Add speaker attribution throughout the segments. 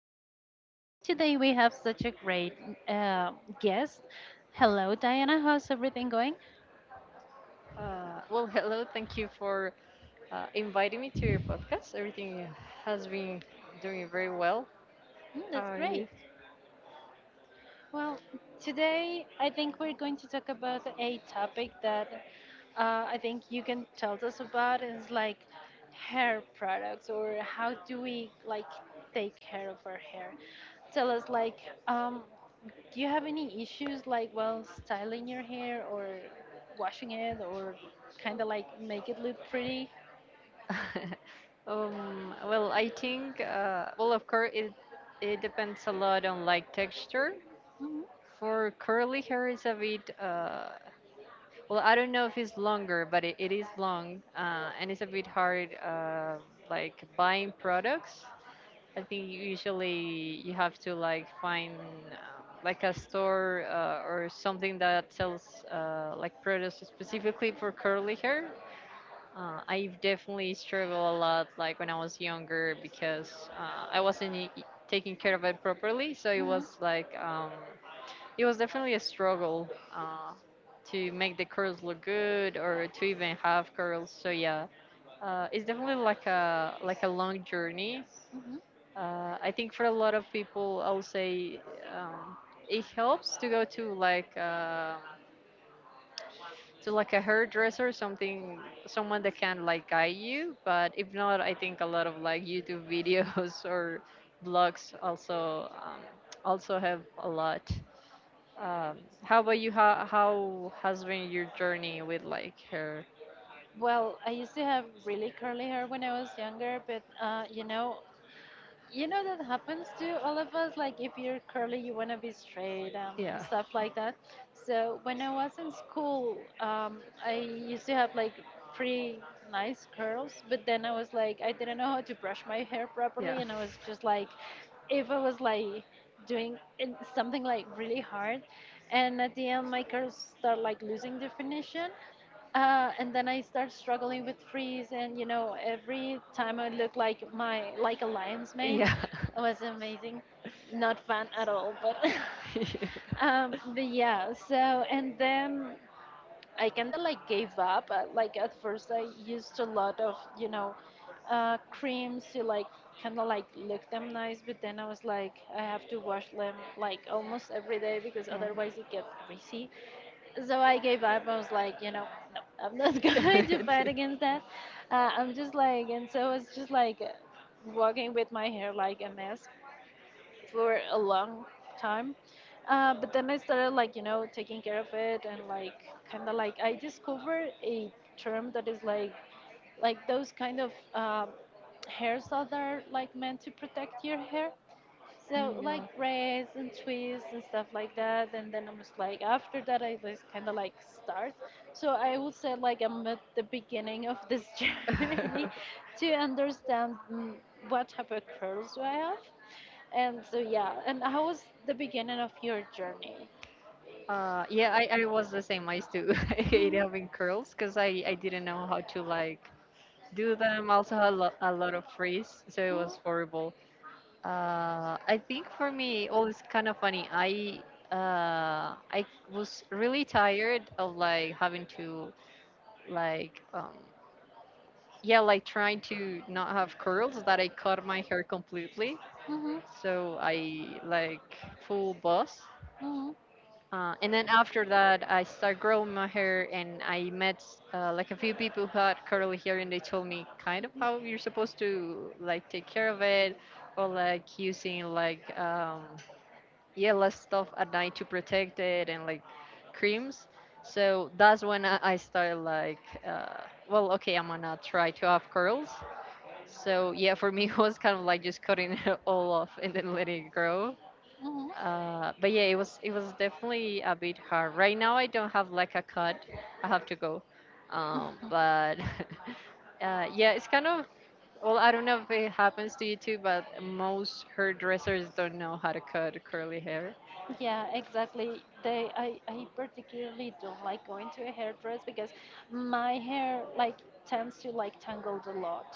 Speaker 1: name is Carol, and today we have such a great uh, guest. Hello, Diana. How's everything going?
Speaker 2: Well, hello. Thank you for inviting me to your podcast. Everything has been doing very well.
Speaker 1: Mm,
Speaker 2: How
Speaker 1: that's
Speaker 2: are
Speaker 1: great.
Speaker 2: you?
Speaker 1: Well, today I think we're going to talk about a topic that I think you can tell us about is like hair products or how do we like take care of our hair. Tell us like um, do you have any issues like while styling your hair or washing it or kind of like make it look pretty?
Speaker 2: Well, I think, well, of course, it depends a lot on like texture.
Speaker 1: Hmm.
Speaker 2: For curly hair, is a bit, well, I don't know if it's longer, but it is long and it's a bit hard like buying products. I think usually you have to like find like a store or something that sells like products specifically for curly hair. I definitely struggled a lot like when I was younger because I wasn't taking care of it properly. So it
Speaker 1: Hmm.
Speaker 2: was like it was definitely a struggle uh, to make the curls look good or to even have curls. So yeah, it's definitely like a long journey.
Speaker 1: Hmm.
Speaker 2: I think for a lot of people, I'll say, um, it helps to go to to like a hairdresser, something someone that can like guide you. But if not, I think a lot of like YouTube videos or blogs also help a lot. How about you? How has been your journey with like hair?
Speaker 1: Well, I used to have really curly hair when I was younger, but you know, that happens to all of us like if you're curly you want to be straight
Speaker 2: Yeah,
Speaker 1: stuff like that. So when I was in school, I used to have like pretty nice curls, but then I was like, I didn't know how to brush my hair
Speaker 2: yeah,
Speaker 1: properly, and I was just like, if I was like doing something like really hard, and at the end my curls start like losing definition. And then I start struggling with freeze, and every time I look like my like a lion's mane,
Speaker 2: yeah,
Speaker 1: it was amazing. Not fun at all, but
Speaker 2: yeah.
Speaker 1: but yeah. So and then I kind of like gave up. Like at first, I used a lot of creams to like kind of like look them nice, but then I was like, I have to wash them like almost every day because otherwise it gets greasy, so I gave up. I was like, no, I'm not going to
Speaker 2: Yeah.
Speaker 1: fight against that. I'm just like, and so it's just like walking with my hair like a mess for a long time. But then I started like, taking care of it, and like kind of like I discovered a term that is like those kind of hairs that are like meant to protect your hair. So like
Speaker 2: Mm,
Speaker 1: rest and twists and stuff like that, and then I'm just like after that I just kind of like start. So I would say like I'm at the beginning of this
Speaker 2: yeah.
Speaker 1: journey to understand what type of curls do I have, and so yeah. And how was the beginning of your journey?
Speaker 2: Yeah, I was the same. I used to hate
Speaker 1: Mm-hmm.
Speaker 2: having curls because I didn't know how to like do them. I also had a lot of frizz, so it
Speaker 1: Mm-hmm.
Speaker 2: was horrible. I think for me, oh, it's kind of funny. I was really tired of like having to like yeah, like trying to not have curls that I cut my hair completely.
Speaker 1: Mm-hmm.
Speaker 2: So I like full buzz. And then after that, I started growing my hair, and I met like a few people who had curly hair, and they told me kind of how you're supposed to like take care of it, or like using like yellow stuff at night to protect it, and like creams. So that's when I started like, well, okay, I'm gonna try to have curls. So yeah, for me, it was kind of like just cutting it all off and then letting it grow.
Speaker 1: Mm-hmm.
Speaker 2: But yeah, it was definitely a bit hard. Right now, I don't have like a cut. I have to go. But yeah, it's kind of, well, I don't know if it happens to you too, but most hairdressers don't know how to cut curly hair.
Speaker 1: Yeah, exactly. I particularly don't like going to a hairdress because my hair like tends to like tangled a lot.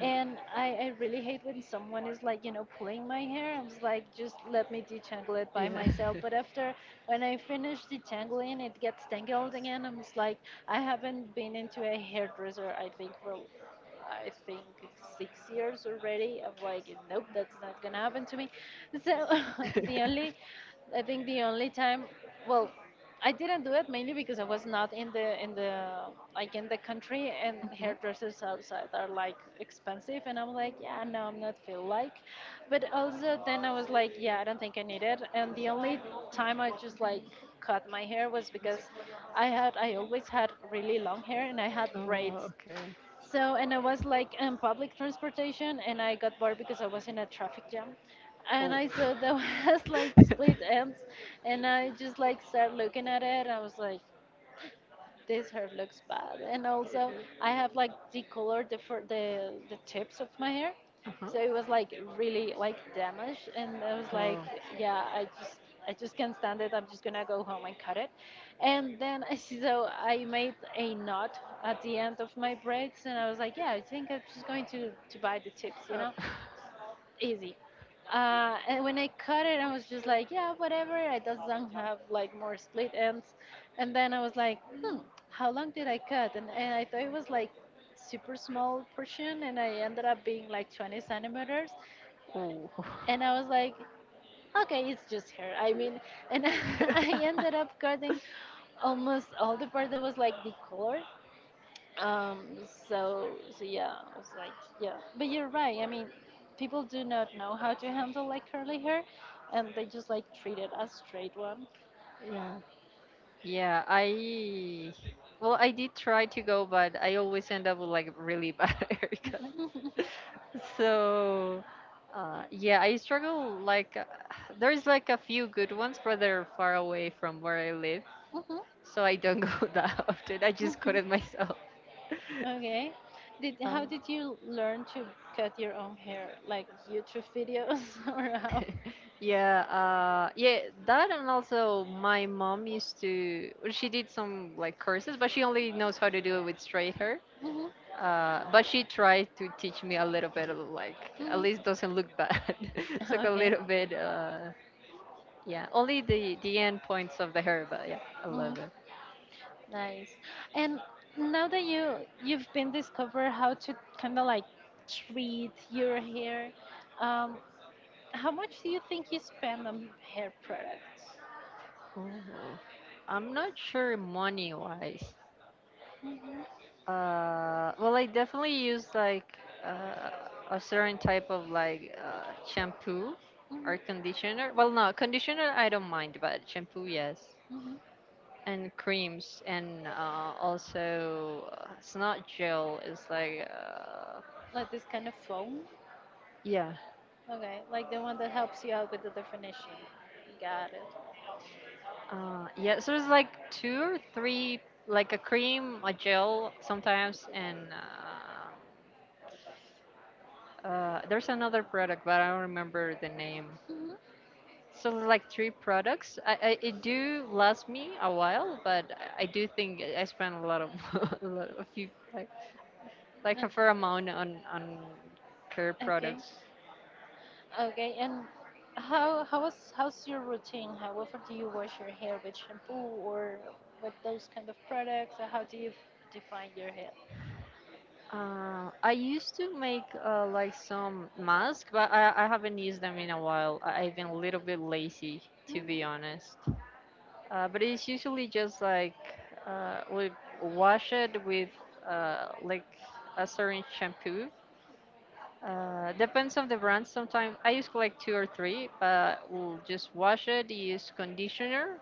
Speaker 1: And I really hate when someone is like, you know, pulling my hair. I'm just like, just let me detangle it by
Speaker 2: Yeah.
Speaker 1: myself. But after, when I finish detangling, it gets tangled again. I'm just like, I haven't been into a hairdresser, I think, for I think 6 years already of like, nope, that's not gonna happen to me. So the only, I think the only time, well, I didn't do it mainly because I was not in the country, and
Speaker 2: Hmm.
Speaker 1: hairdressers outside are like expensive, and I'm like, yeah, no, I'm not feel like, but also then I was like, yeah, I don't think I need it. And the only time I just like cut my hair was because I always had really long hair, and I had
Speaker 2: Oh,
Speaker 1: braids.
Speaker 2: okay.
Speaker 1: So, and I was like in public transportation, and I got bored because I was in a traffic jam. And
Speaker 2: Oh.
Speaker 1: I saw there was like split ends, and I just like started looking at it. I was like, this hair looks bad. And also, I have like decolored the the tips of my hair,
Speaker 2: Uh-huh.
Speaker 1: so it was like really like damaged. And I was like,
Speaker 2: Oh.
Speaker 1: yeah, I just can't stand it. I'm just gonna go home and cut it. And then I see, so I made a knot at the end of my braids, and I was like, yeah, I think I'm just going to buy the tips, you
Speaker 2: Oh.
Speaker 1: know, easy. And when I cut it, I was just like, yeah, whatever. It doesn't have like more split ends. And then I was like, hmm, how long did I cut? And I thought it was like super small portion, and I ended up being like 20 centimeters.
Speaker 2: Oh.
Speaker 1: And I was like, okay, it's just hair. I mean, and I ended up cutting almost all the part that was like the color, um, so, so yeah, I was like, yeah. But you're right. I mean, people do not know how to handle like curly hair, and they just like treat it as straight one.
Speaker 2: Yeah. Yeah, I well, I did try to go, but I always end up with like really bad haircuts. So, yeah, I struggle like there's like a few good ones, but they're far away from where I live,
Speaker 1: Hmm.
Speaker 2: so I don't go that often. I just cut
Speaker 1: Hmm.
Speaker 2: it myself.
Speaker 1: Okay. Did
Speaker 2: Um,
Speaker 1: How did you learn to cut your own hair? Like YouTube videos or how?
Speaker 2: yeah, yeah, that and also my mom used to, well, she did some like courses, but she only knows how to do it with straight hair.
Speaker 1: Hmm.
Speaker 2: But she tried to teach me a little bit, of, like at
Speaker 1: Hmm.
Speaker 2: least doesn't look bad. It's like a
Speaker 1: Okay.
Speaker 2: little bit, yeah. Only the end points of the hair, but yeah, I
Speaker 1: Mm,
Speaker 2: love it.
Speaker 1: nice. And now that you've been discovered how to kind of like treat your hair, um, how much do you think you spend on hair products?
Speaker 2: Ooh. I'm not sure money wise.
Speaker 1: Mm-hmm.
Speaker 2: Well, I definitely use like uh, a certain type of like shampoo
Speaker 1: Hmm.
Speaker 2: or conditioner. Well, no, conditioner I don't mind, but shampoo yes.
Speaker 1: Hmm.
Speaker 2: And creams and also it's not gel, it's like
Speaker 1: Like this kind of foam?
Speaker 2: yeah
Speaker 1: Okay, like the one that helps you out with the definition. Got it.
Speaker 2: yeah, so it's like two or three, like a cream, a gel sometimes, and there's another product, but I don't remember the name.
Speaker 1: Mm-hmm.
Speaker 2: So it's like three products. I it do last me a while, but I do think I spent a lot of a few like a fair amount on care
Speaker 1: Okay,
Speaker 2: products.
Speaker 1: okay. And how's your routine? How often do you wash your hair with shampoo or with those kind of products? Or how do you define your hair?
Speaker 2: I used to make like some masks, but I haven't used them in a while. I've been a little bit lazy, to be
Speaker 1: Mm-hmm.
Speaker 2: honest. But it's usually just like we wash it with like a certain shampoo. Depends on the brand. Sometimes I use like two or three, but we'll just wash it, use conditioner,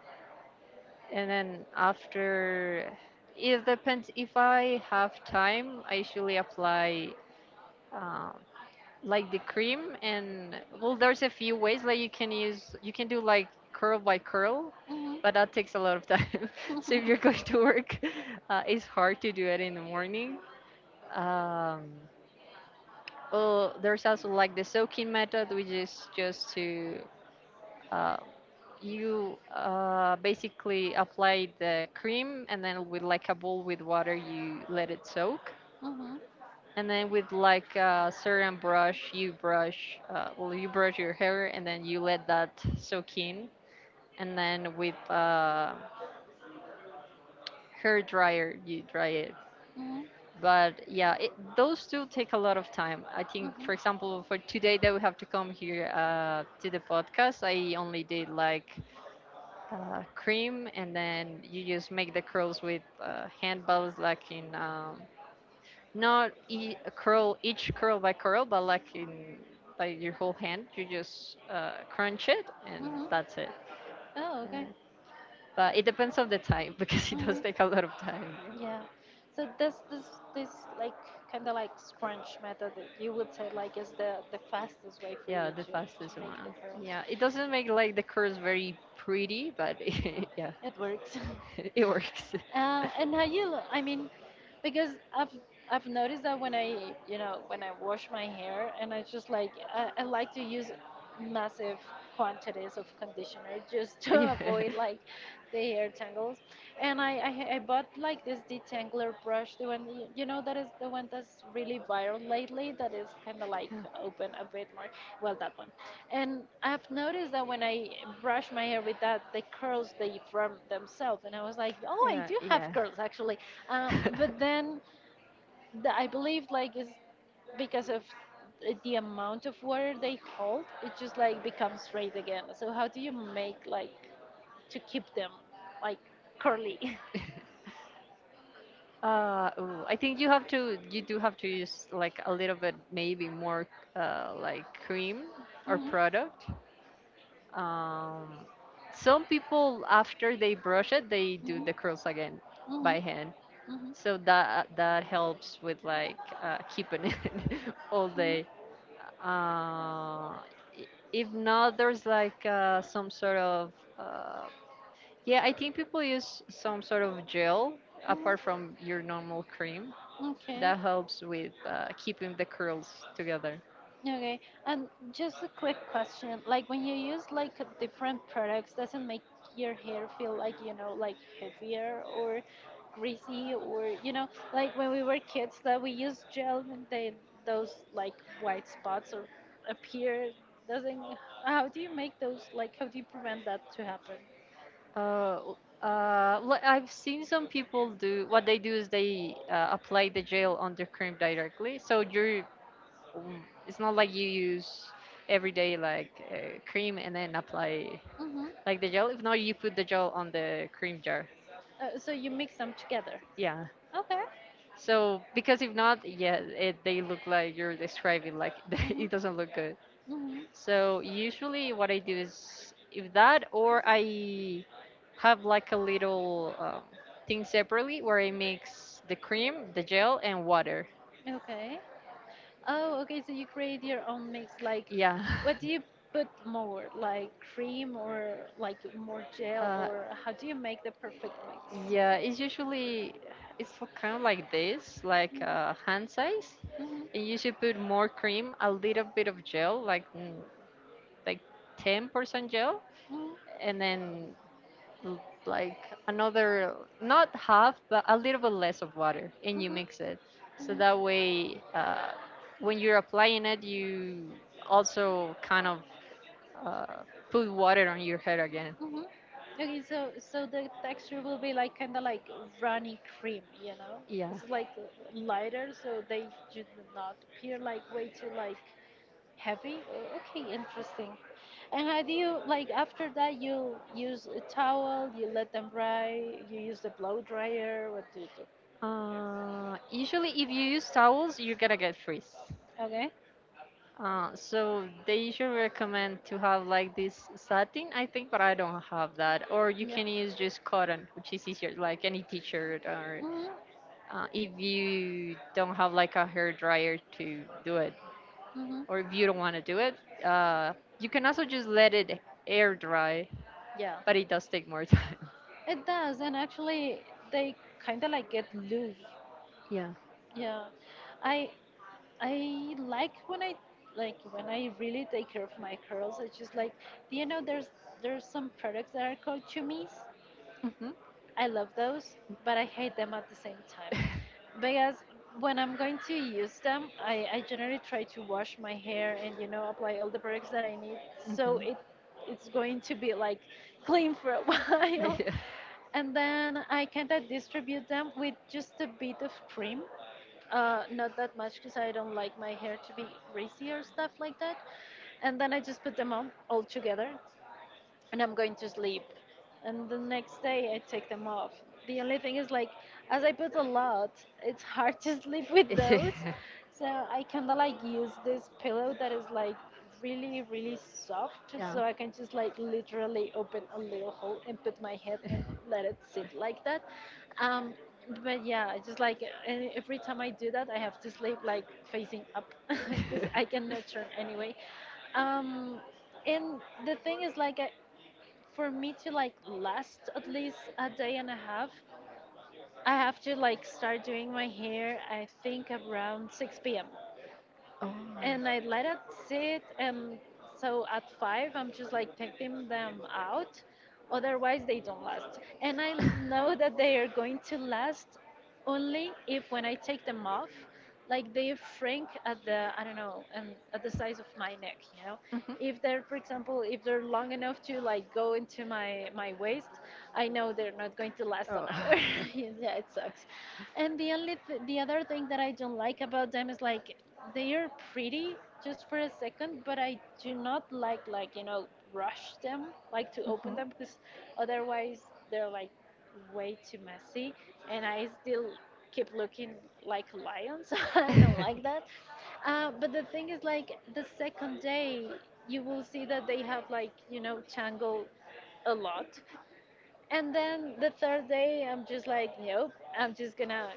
Speaker 2: and then after, it depends. If I have time, I usually apply. Um, like the cream. And well, there's a few ways, like you can do like curl by curl, but that
Speaker 1: Mm-hmm.
Speaker 2: takes a lot of time. So if you're going to work, it's hard to do it in the morning. um, oh, there's also like the soaking method, which is just to, uh, you basically apply the cream. And then with like a bowl with water, you let it soak.
Speaker 1: Mm-hmm.
Speaker 2: And then with like a certain brush, you brush, well, you brush your hair, and then you let that soak in. And then with hair dryer, you dry it.
Speaker 1: Mm-hmm.
Speaker 2: But yeah, those two take a lot of time. I think for
Speaker 1: Mm-hmm.
Speaker 2: example for today that we have to come here, to the podcast, I only did like, cream. And then you just make the curls with, hand balls, like in, not curl each curl by curl, but like in by your whole hand, you just crunch it, and
Speaker 1: Mm-hmm.
Speaker 2: that's it.
Speaker 1: Oh, okay.
Speaker 2: Uh, but it depends on the time, because it does take a
Speaker 1: Mm-hmm.
Speaker 2: lot of time.
Speaker 1: Yeah. So this like kind of like scrunch method that you would say like is the fastest way for
Speaker 2: Yeah, yeah,
Speaker 1: you
Speaker 2: the
Speaker 1: to
Speaker 2: fastest
Speaker 1: make the
Speaker 2: one.
Speaker 1: curls.
Speaker 2: Yeah, it doesn't make like the curls very pretty, but yeah,
Speaker 1: It works.
Speaker 2: it works.
Speaker 1: And how you? I mean, because I've noticed that when I, when I wash my hair, and I just like, I like to use massive quantities of conditioner just to
Speaker 2: Yeah,
Speaker 1: avoid like the hair tangles. And I bought like this detangler brush, the one that is the one that's really viral lately. That is kind of like
Speaker 2: yeah,
Speaker 1: open a bit more. Well, that one. And I've noticed that when I brush my hair with that, the curls they form themselves. And I was like, oh, I do have
Speaker 2: yeah.
Speaker 1: curls actually. But then I believe like it's because of the amount of water they hold, it just like becomes straight again. So how do you make like to keep them like curly?
Speaker 2: Yeah. Ooh, I think you do have to use like a little bit, maybe more, like cream or
Speaker 1: Mhm.
Speaker 2: product. Um, some people after they brush it, they do the curls again
Speaker 1: Mhm. Mhm.
Speaker 2: by hand.
Speaker 1: Mhm.
Speaker 2: So that helps with like, keeping it all
Speaker 1: Mhm.
Speaker 2: day. Uh, if not, there's like, some sort of, uh, yeah. I think people use some sort of gel apart
Speaker 1: Mhm.
Speaker 2: from your normal cream
Speaker 1: Okay.
Speaker 2: that helps with, keeping the curls together.
Speaker 1: Okay, and just a quick question. Like when you use like different products, does not make your hair feel like, like heavier or greasy, or, like when we were kids that we used gel, and they those like white spots or appear, doesn't, how do you make those, like how do you prevent that to happen?
Speaker 2: Uh, I've seen some people. Do what they do is they apply the gel on their cream directly. So you're, it's not like you use every day like, cream and then apply
Speaker 1: Mm-hmm.
Speaker 2: like the gel. If not, you put the gel on the cream jar.
Speaker 1: So you mix them together.
Speaker 2: Yeah.
Speaker 1: Okay.
Speaker 2: So because if not, yeah, they look like you're describing, like, it doesn't
Speaker 1: Mm-hmm.
Speaker 2: look good.
Speaker 1: Mm-hmm.
Speaker 2: So usually what I do is, if that, or I have like a little, thing separately where I mix the cream, the gel, and water.
Speaker 1: Okay. Oh, okay. So you create your own mix. Like,
Speaker 2: Yeah.
Speaker 1: what do you put more? Like cream or like more gel,
Speaker 2: uh,
Speaker 1: or how do you make the perfect mix?
Speaker 2: yeah. It's kind of like this, like hand size,
Speaker 1: Mhm.
Speaker 2: and you should put more cream, a little bit of gel, like, like 10% gel,
Speaker 1: Mhm.
Speaker 2: and then l- like another, not half but a little bit less of water, and you
Speaker 1: Mhm. Mhm.
Speaker 2: mix it, so that way, when you're applying it, you also kind of, uh, put water on your hair again.
Speaker 1: Mhm. Okay, so the texture will be like kind of like runny cream, you know?
Speaker 2: Yeah.
Speaker 1: It's like lighter, so they do not appear like way too like heavy? Okay, interesting. And how do you like after that? You use a towel, you let them dry, you use the blow dryer. What do you do?
Speaker 2: Usually if you use towels you're gonna get frizz,
Speaker 1: Okay.
Speaker 2: so they usually recommend to have like this satin, I think, but I don't have that. Or you
Speaker 1: Yeah.
Speaker 2: can use just cotton, which is easier, like any t-shirt. Or
Speaker 1: Mhm.
Speaker 2: if you don't have like a hair dryer to do it,
Speaker 1: Mhm.
Speaker 2: or if you don't want to do it, uh, you can also just let it air dry,
Speaker 1: Yeah.
Speaker 2: but it does take more time.
Speaker 1: It does, and actually, they kind of like get loose.
Speaker 2: Yeah.
Speaker 1: Yeah. I I like when I, like when I really take care of my curls. It's just like, do you know there's some products that are called chumis.
Speaker 2: Hmm. Hmm.
Speaker 1: I love those, but I hate them at the same time. Because when I'm going to use them, I generally try to wash my hair, and apply all the products that I need, so it's going to be like clean for a while. And then I kind of distribute them with just a bit of cream, not that much, because I don't like my hair to be greasy or stuff like that. And then I just put them on all together, and I'm going to sleep. And the next day I take them off. The only thing is like, as I put a lot, it's hard to sleep with those. So I kinda like use this pillow that is like really, really soft,
Speaker 2: Yeah.
Speaker 1: so I can just like literally open a little hole and put my head and let it sit like that. Um but yeah, I just like, and every time I do that, I have to sleep like facing up because
Speaker 2: Yeah.
Speaker 1: I cannot turn anyway. Um, and the thing is, like, for me to like last at least a day and a half, I have to like start doing my hair, I think around 6 p.m
Speaker 2: Oh.
Speaker 1: and I let it sit. And so at five, I'm just like taking them out. Otherwise, they don't last. And I know that they are going to last only if when I take them off, like they shrink at the, I don't know, at the size of my neck.
Speaker 2: Mhm.
Speaker 1: If they're, for example, if they're long enough to like go into my waist, I know they're not going to last an
Speaker 2: Oh.
Speaker 1: hour. Yeah, it sucks. And the only the other thing that I don't like about them is like they are pretty just for a second, but I do not like rush them, like to open
Speaker 2: Mhm.
Speaker 1: them because otherwise they're like way too messy, and I still keep looking like lions. I don't
Speaker 2: Mhm.
Speaker 1: like that. But the thing is, like the second day, you will see that they have like tangled a lot, and then the third day, I'm just like, nope, I'm just gonna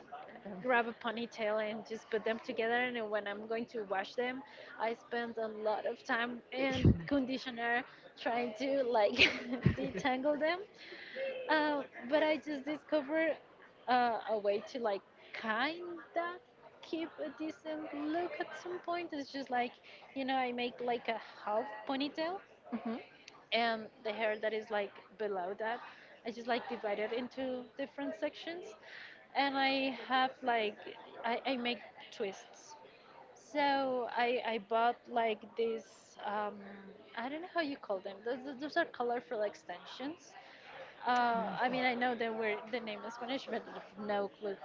Speaker 1: grab a ponytail and just put them together. And when I'm going to wash them, I spend a lot of time and conditioner trying to like detangle them. Uh, but I just discovered a way to like kinda keep a decent look at some point. It's just like, I make like a half ponytail, and the hair that is like below that, I just like divide it into different sections, and I have like I make twists. So I bought like these um, I don't know how you call them, those are colorful extensions. I mean, I know they were the name in Spanish, but I have no clue.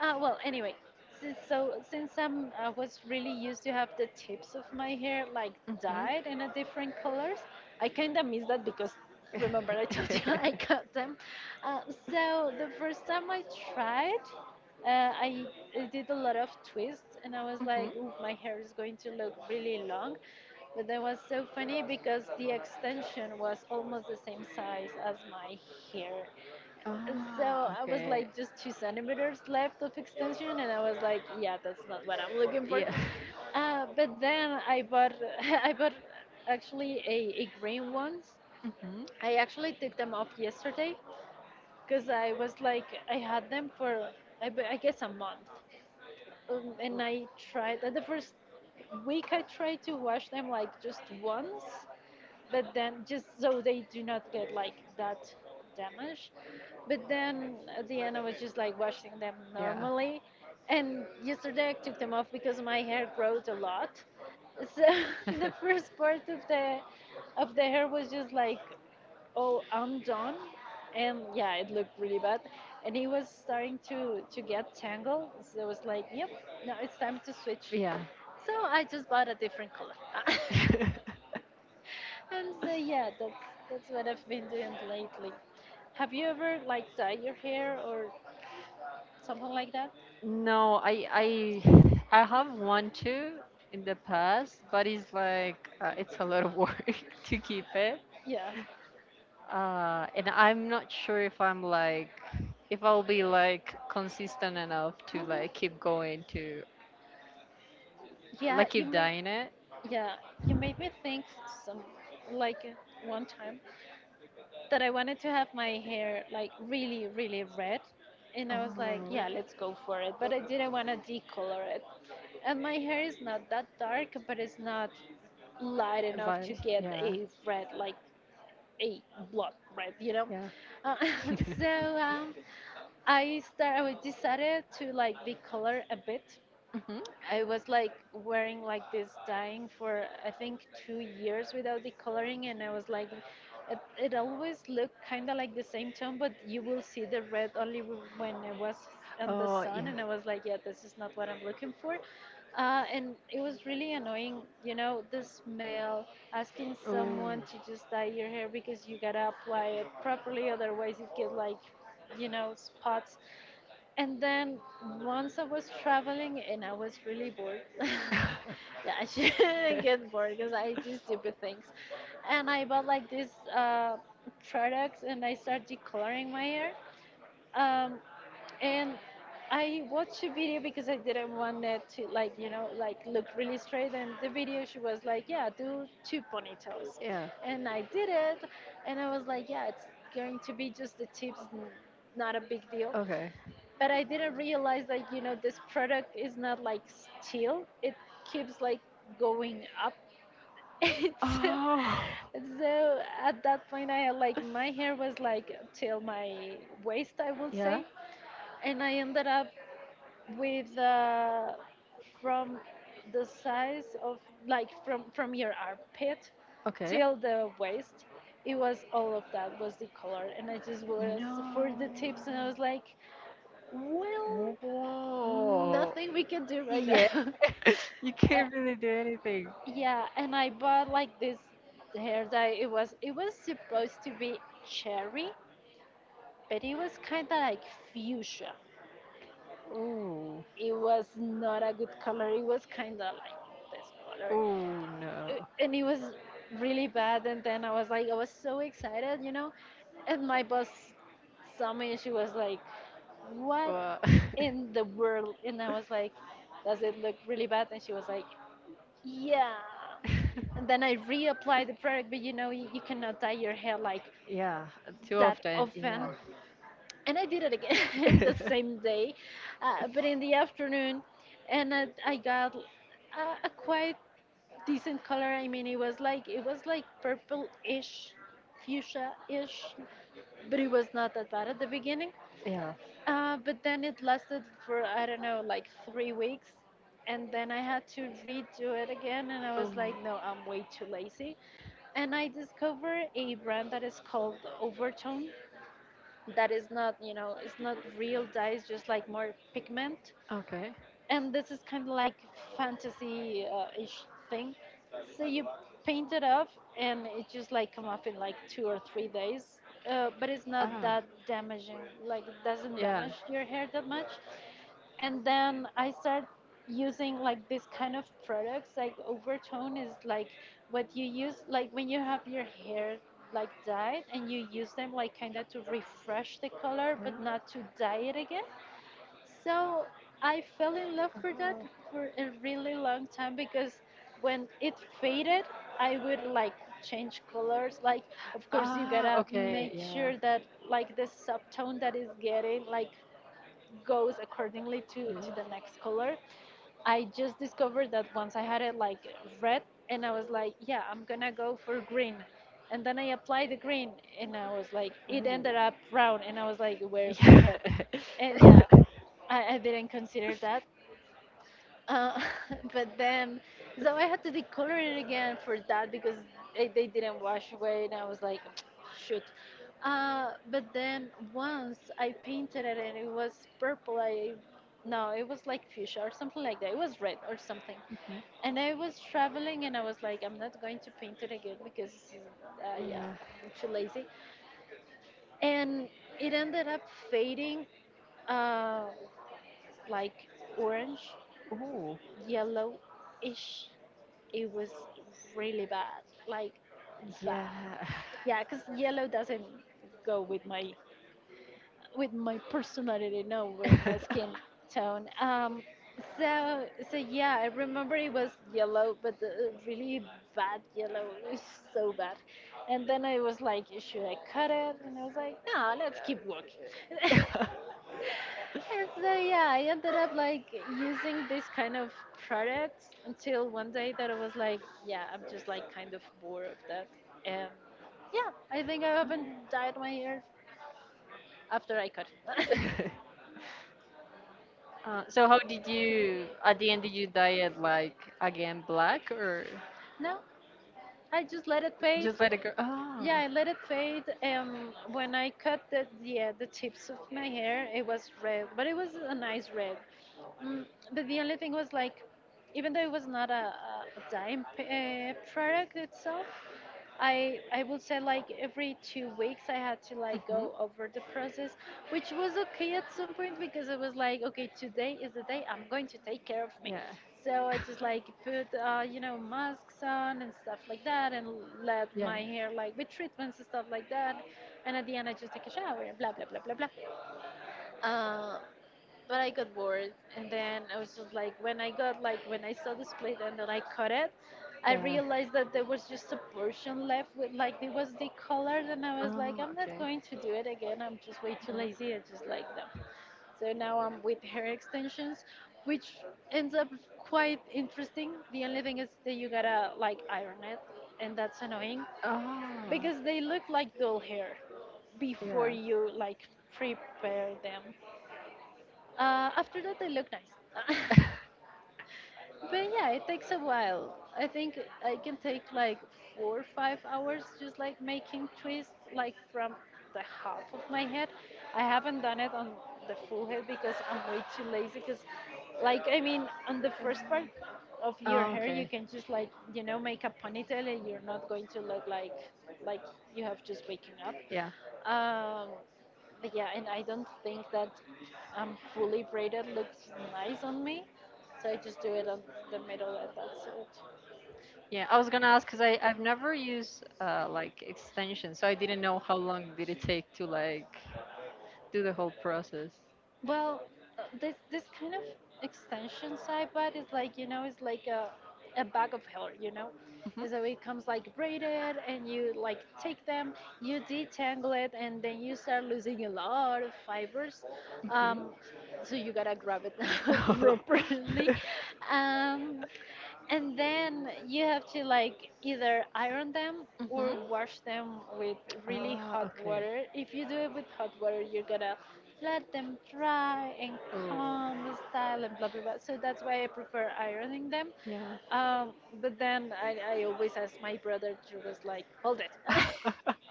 Speaker 1: Well, anyway, so since I was really used to have the tips of my hair like
Speaker 2: Mhm.
Speaker 1: dyed in a different colors, I kind of miss that because remember I told you I cut them. Uh, so the first time I tried, uh, I, I did a lot of twists, and I was
Speaker 2: Mhm.
Speaker 1: like, ooh, my hair is going to look really long. But that was so funny because the extension was almost the same size as my hair, so
Speaker 2: Ah,
Speaker 1: I was
Speaker 2: okay.
Speaker 1: like just 2 centimeters left of extension, and I was like, yeah, that's not what I'm looking for.
Speaker 2: Yeah.
Speaker 1: But then I bought, I bought actually a green ones.
Speaker 2: Mhm.
Speaker 1: I
Speaker 2: Mm.
Speaker 1: actually took them off yesterday because I was like, I had them for I guess a month. And I tried at the first week, I tried to wash them like just once, but then just so they do not get like that damaged. But then at the end I was just like washing them
Speaker 2: Yeah.
Speaker 1: normally, and yesterday I took them off because my hair growed a lot. So the first part of the hair was just like, oh, I'm done. And yeah, it looked really bad, and it was starting to get tangled, so it was like, yep, now it's time to switch.
Speaker 2: Yeah.
Speaker 1: So I just bought a different color and so yeah, that's what I've been doing lately. Have you ever like dye your hair or something like that?
Speaker 2: No, I have one too in the past, but it's like, it's a lot of work to keep it.
Speaker 1: Yeah.
Speaker 2: And I'm not sure if I'm like, if I'll be like consistent enough to
Speaker 1: Mhm.
Speaker 2: like keep going to,
Speaker 1: yeah
Speaker 2: like
Speaker 1: you
Speaker 2: keep
Speaker 1: made
Speaker 2: dying it.
Speaker 1: yeah, you made me think some like one time that I wanted to have my hair like really, really red. And I was like,
Speaker 2: Oh,
Speaker 1: yeah, let's go for it. But I didn't want to decolor it. And my hair is not that dark, but it's not light enough to
Speaker 2: like
Speaker 1: get
Speaker 2: yeah,
Speaker 1: a red, like a blood red, you know?
Speaker 2: yeah.
Speaker 1: Uh, so I decided to like decolor a bit.
Speaker 2: Hmm.
Speaker 1: I was like wearing like this dyeing for I think 2 years without decoloring, and I was like, it always looked kind of like the same tone, but you will see the red only when it was in the
Speaker 2: Oh
Speaker 1: sun,
Speaker 2: yeah.
Speaker 1: and I was like, yeah, this is not what I'm looking for. And it was really annoying, the smell, asking
Speaker 2: Oh.
Speaker 1: someone to just dye your hair because you gotta apply it properly, otherwise, it get like, spots. And then once I was traveling and I was really bored. Yeah, I shouldn't get bored because I do stupid things. And I bought like these products, and I started decoloring my hair. Um, and I watched a video because I didn't want it to like like look really straight. And the video she was like, yeah, do two ponytails,
Speaker 2: Yeah.
Speaker 1: and I did it, and I was like, yeah, it's going to be just the tips, not a big deal,
Speaker 2: Okay.
Speaker 1: but I didn't realize that this product is not like still; it keeps like going up. it's
Speaker 2: Oh.
Speaker 1: So at that point, I had, like my hair was like till my waist, I would
Speaker 2: Yeah.
Speaker 1: say, and I ended up with from the size of like from your armpit
Speaker 2: Okay.
Speaker 1: till the waist. It was all of that was the color, and I just was
Speaker 2: No.
Speaker 1: for the tips, and I was like, well,
Speaker 2: Whoa.
Speaker 1: nothing we can do right
Speaker 2: Yeah.
Speaker 1: now.
Speaker 2: You
Speaker 1: Uh,
Speaker 2: can't really do anything.
Speaker 1: yeah, and I bought like this hair dye. It was supposed to be cherry, but it was kind of like fuchsia.
Speaker 2: Oh,
Speaker 1: It was not a good color. It was kind of like this color.
Speaker 2: oh no.
Speaker 1: And it was really bad. And then I was like, I was so excited. And my boss saw me, and she was like, "What
Speaker 2: Well,
Speaker 1: in the world?" And I was like, "Does it look really bad?" And she was like, yeah. And then I reapply the product, but you cannot dye your hair like
Speaker 2: yeah, too
Speaker 1: that
Speaker 2: often.
Speaker 1: often.
Speaker 2: Yeah.
Speaker 1: And I did it again the same day, but in the afternoon. And I got a quite decent color. I mean, it was like purple-ish, fuchsia-ish, but it was not that bad at the beginning.
Speaker 2: Yeah.
Speaker 1: But then it lasted for, I don't know, like 3 weeks. And then I had to redo it again. And I
Speaker 2: Oh,
Speaker 1: was like, no, I'm way too lazy. And I discovered a brand that is called Overtone. That is not, it's not real dye, it's just like more pigment,
Speaker 2: okay.
Speaker 1: and this is kind of like fantasy ish thing. So you paint it up, and it just like come off in like 2 or 3 days. But it's not
Speaker 2: Ah,
Speaker 1: that damaging. Like it doesn't
Speaker 2: yeah.
Speaker 1: damage your hair that much. And then I start using like this kind of products. Like overtone is like what you use like when you have your hair like dyed, and you use them like kind of to refresh the color,
Speaker 2: Yeah.
Speaker 1: but not to dye it again. So I fell in love for that
Speaker 2: Oh.
Speaker 1: for a really long time because when it faded, I would like change colors. Like, of course, you
Speaker 2: Ah,
Speaker 1: gotta
Speaker 2: okay.
Speaker 1: make
Speaker 2: Yeah.
Speaker 1: sure that like the subtone that is getting like goes accordingly to
Speaker 2: Yeah.
Speaker 1: to the next color. I just discovered that once I had it like red, and I was like, yeah, I'm gonna go for green. And then I applied the green, and I was like, it
Speaker 2: Oh,
Speaker 1: ended up brown, and I was like, where's my hair?
Speaker 2: yeah.
Speaker 1: And yeah, I didn't consider that. Uh, but then, so I had to decolor it again for that because they didn't wash away, and I was like, shoot. But then once I painted it and it was purple, I no, it was like fuchsia or something like that. It was red or something.
Speaker 2: Mhm.
Speaker 1: And I was traveling and I was like, I'm not going to paint it again because, yeah,
Speaker 2: Yeah.
Speaker 1: I'm too lazy. And it ended up fading uh, like orange
Speaker 2: Oh,
Speaker 1: yellowish. It was really bad, like bad.
Speaker 2: yeah.
Speaker 1: Yeah, because yellow doesn't go with my personality, no, with my skin tone. So yeah, I remember it was yellow, but the really bad yellow. It was so bad. And then I was like, should I cut it? And I was like, no, let's keep walking. And so yeah, I ended up like using this kind of products until one day that I was like, yeah, I'm just like kind of bored of that. And yeah, I think I haven't dyed my hair after I cut it.
Speaker 2: So how did you at the end, did you dye it like again black or
Speaker 1: No, I just let it fade.
Speaker 2: just let it go? Oh.
Speaker 1: Yeah, I let it fade. When I cut the tips of my hair, it was red, but it was a nice red. Mm, but the only thing was like, even though it was not a dye product itself, I would say like every 2 weeks I had to like
Speaker 2: Hmm.
Speaker 1: go over the process, which was okay at some point because it was like okay today is the day I'm going to take care of me,
Speaker 2: Yeah,
Speaker 1: so I just like put you know masks on and stuff like that and let
Speaker 2: yeah,
Speaker 1: my hair like with treatments and stuff like that, and at the end I just take a shower and blah blah blah blah blah. Uh, but I got bored, and then I was just like, when I got like when I saw this plate and then I cut it, I
Speaker 2: yeah.
Speaker 1: realized that there was just a portion left with like it was decolored, and I was like,
Speaker 2: Oh,
Speaker 1: I'm not
Speaker 2: okay.
Speaker 1: going to do it again. I'm just way too lazy. I just like them. So now I'm with hair extensions, which ends up quite interesting. The only thing is that you gotta like iron it, and that's annoying
Speaker 2: Oh,
Speaker 1: because they look like dull hair before
Speaker 2: yeah.
Speaker 1: you like prepare them. After that, they look nice. But yeah, it takes a while. I think I can take like 4 or 5 hours just like making twists, like from the half of my head. I haven't done it on the full head because I'm way too lazy. Because, like, I mean, on the first part of your
Speaker 2: Oh,
Speaker 1: hair, you
Speaker 2: okay.
Speaker 1: can just like, you know, make a ponytail and you're not going to look like you have just waking up.
Speaker 2: Yeah.
Speaker 1: Um, but yeah, and I don't think that I'm fully braided looks nice on me, so I just do it on the middle and that's it.
Speaker 2: Yeah, I was gonna ask because I've never used like extensions, so I didn't know how long did it take to like do the whole process.
Speaker 1: Well, this kind of extension side bud is like you know it's like a bag of hair, you know,
Speaker 2: Mhm.
Speaker 1: and so it comes like braided, and you like take them, you detangle it, and then you start losing a lot of fibers.
Speaker 2: Mhm.
Speaker 1: Um, so you gotta grab it properly. Um, and then you have to like either iron them or
Speaker 2: Mhm.
Speaker 1: wash them with really
Speaker 2: Ah,
Speaker 1: hot
Speaker 2: okay.
Speaker 1: water. If you do it with hot water, you're gonna let them dry and
Speaker 2: Oh,
Speaker 1: calm the style and blah blah blah. So that's why I prefer ironing them.
Speaker 2: yeah.
Speaker 1: Um, but then I always ask my brother to was like, hold it.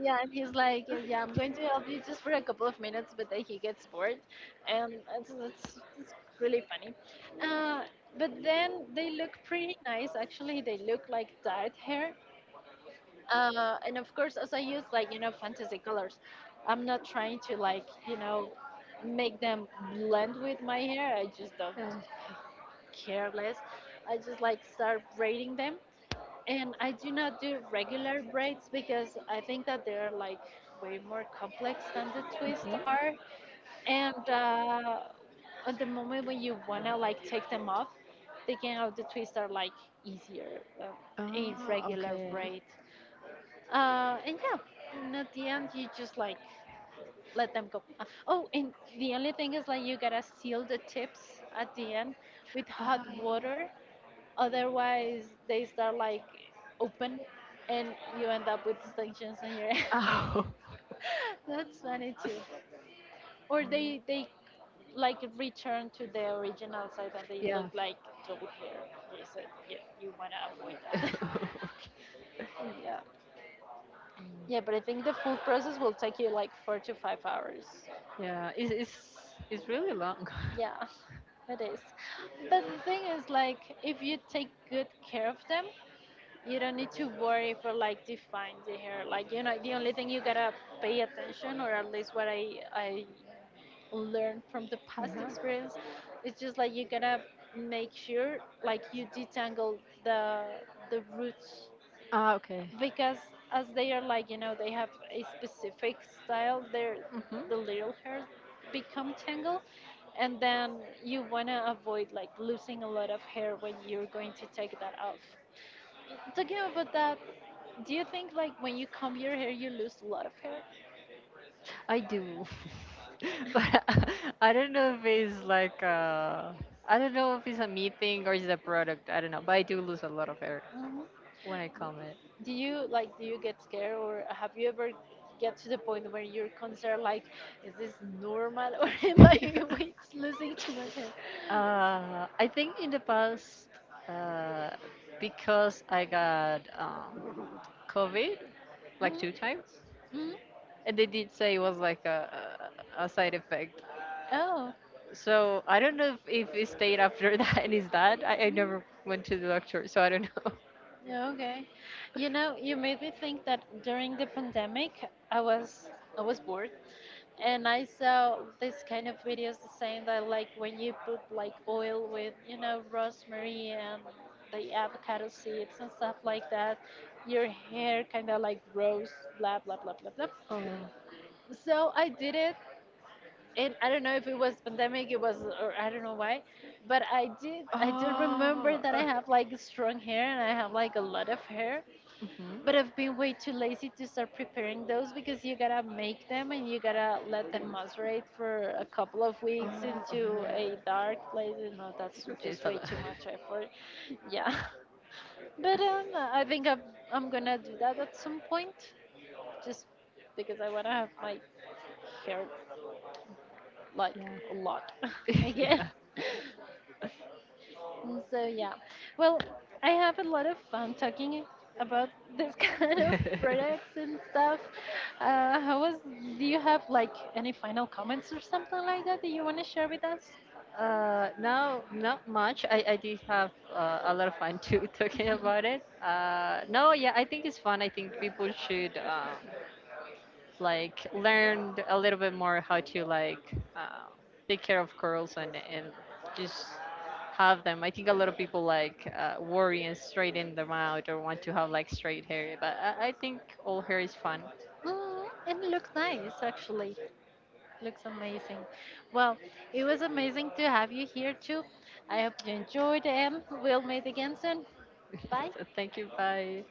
Speaker 1: Yeah, and he's like, yeah, yeah, I'm going to help you just for a couple of minutes, but then he gets bored, and that's really funny. Uh, but then they look pretty nice. Actually, they look like dyed hair, and of course, as I use like you know fantasy colors, I'm not trying to like you know make them blend with my hair. I just don't
Speaker 2: Uh,
Speaker 1: care less. I just like start braiding them, and I do not do regular braids because I think that they're like way more complex than the twists
Speaker 2: mhm.
Speaker 1: are. And at the moment when you wanna like take them off, taking out the twists are like easier than a
Speaker 2: Ah,
Speaker 1: regular
Speaker 2: okay.
Speaker 1: braid. And yeah, and at the end you just like let them go. Oh, and the only thing is like you gotta seal the tips at the end with hot
Speaker 2: Ah,
Speaker 1: water. Otherwise, they start like open, and you end up with distinctions in your head.
Speaker 2: oh,
Speaker 1: That's funny too. Or they like return to the original side and they
Speaker 2: yeah.
Speaker 1: look like double hair. They said, yeah, you wanna avoid that. Yeah, yeah, but I think the full process will take you like 4 to 5 hours.
Speaker 2: Yeah, it's really long.
Speaker 1: Yeah, it is. But the thing is, like, if you take good care of them, you don't need to worry for like define the hair like you know the only thing you gotta pay attention or at least what I learned from the past
Speaker 2: Uh-huh.
Speaker 1: experience it's just like you gotta make sure like you detangle the roots
Speaker 2: Ah, okay.
Speaker 1: because as they are like you know they have a specific style their
Speaker 2: Hmm.
Speaker 1: the little hairs become tangled and then you want to avoid like losing a lot of hair when you're going to take that off. Talking about that, do you think like when you comb your hair, you lose a lot of hair?
Speaker 2: I do. But I don't know if it's like uh I don't know if it's a me thing or it's a product. I don't know, but I do lose a lot of hair
Speaker 1: Mhm.
Speaker 2: when I come.
Speaker 1: Do you like do you get scared or have you ever get to the point where you're concerned like is this normal or am I wait, losing too much hair?
Speaker 2: I think in the past, uh, because I got COVID like
Speaker 1: Mhm,
Speaker 2: 2 times,
Speaker 1: mhm.
Speaker 2: and they did say it was like a side effect.
Speaker 1: Oh,
Speaker 2: So I don't know if it stayed after that and is that. I never went to the doctor, so I don't know.
Speaker 1: yeah, okay. You know, you made me think that during the pandemic, I was I was bored and I saw this kind of videos saying that like when you put like oil with you know rosemary and the avocado seeds and stuff like that, your hair kind of like grows blah blah blah blah blah.
Speaker 2: Oh.
Speaker 1: So I did it, and I don't know if it was pandemic, it was or I don't know why, but I do remember
Speaker 2: Oh.
Speaker 1: that I have like strong hair and I have like a lot of hair,
Speaker 2: Mm-hmm.
Speaker 1: but I've been way too lazy to start preparing those because you gotta make them and you gotta let them macerate for a couple of weeks
Speaker 2: Oh.
Speaker 1: into a
Speaker 2: Okay.
Speaker 1: dark place. You know, that's
Speaker 2: It's
Speaker 1: just
Speaker 2: a
Speaker 1: way
Speaker 2: lot.
Speaker 1: too much effort. Yeah. But I'm gonna do that at some point just because I wanna have my hair like
Speaker 2: Yeah.
Speaker 1: a lot again. Mm, so yeah, well, I have a lot of fun talking about this kind of
Speaker 2: Yeah.
Speaker 1: products and stuff. How was? Do you have like any final comments or something like that that you want to share with us?
Speaker 2: No, not much. I did have, a lot of fun too, talking about it. No, yeah, I think it's fun. I think people should, like learn a little bit more how to, like, take care of curls and just have them. I think a lot of people like, worry and straighten them out or want to have like straight hair, but I think all hair is fun.
Speaker 1: Mm, and it looks nice, actually. Looks amazing. Well, it was amazing to have you here too. I hope you enjoyed, and we'll meet again soon. Bye.
Speaker 2: So thank you. Bye.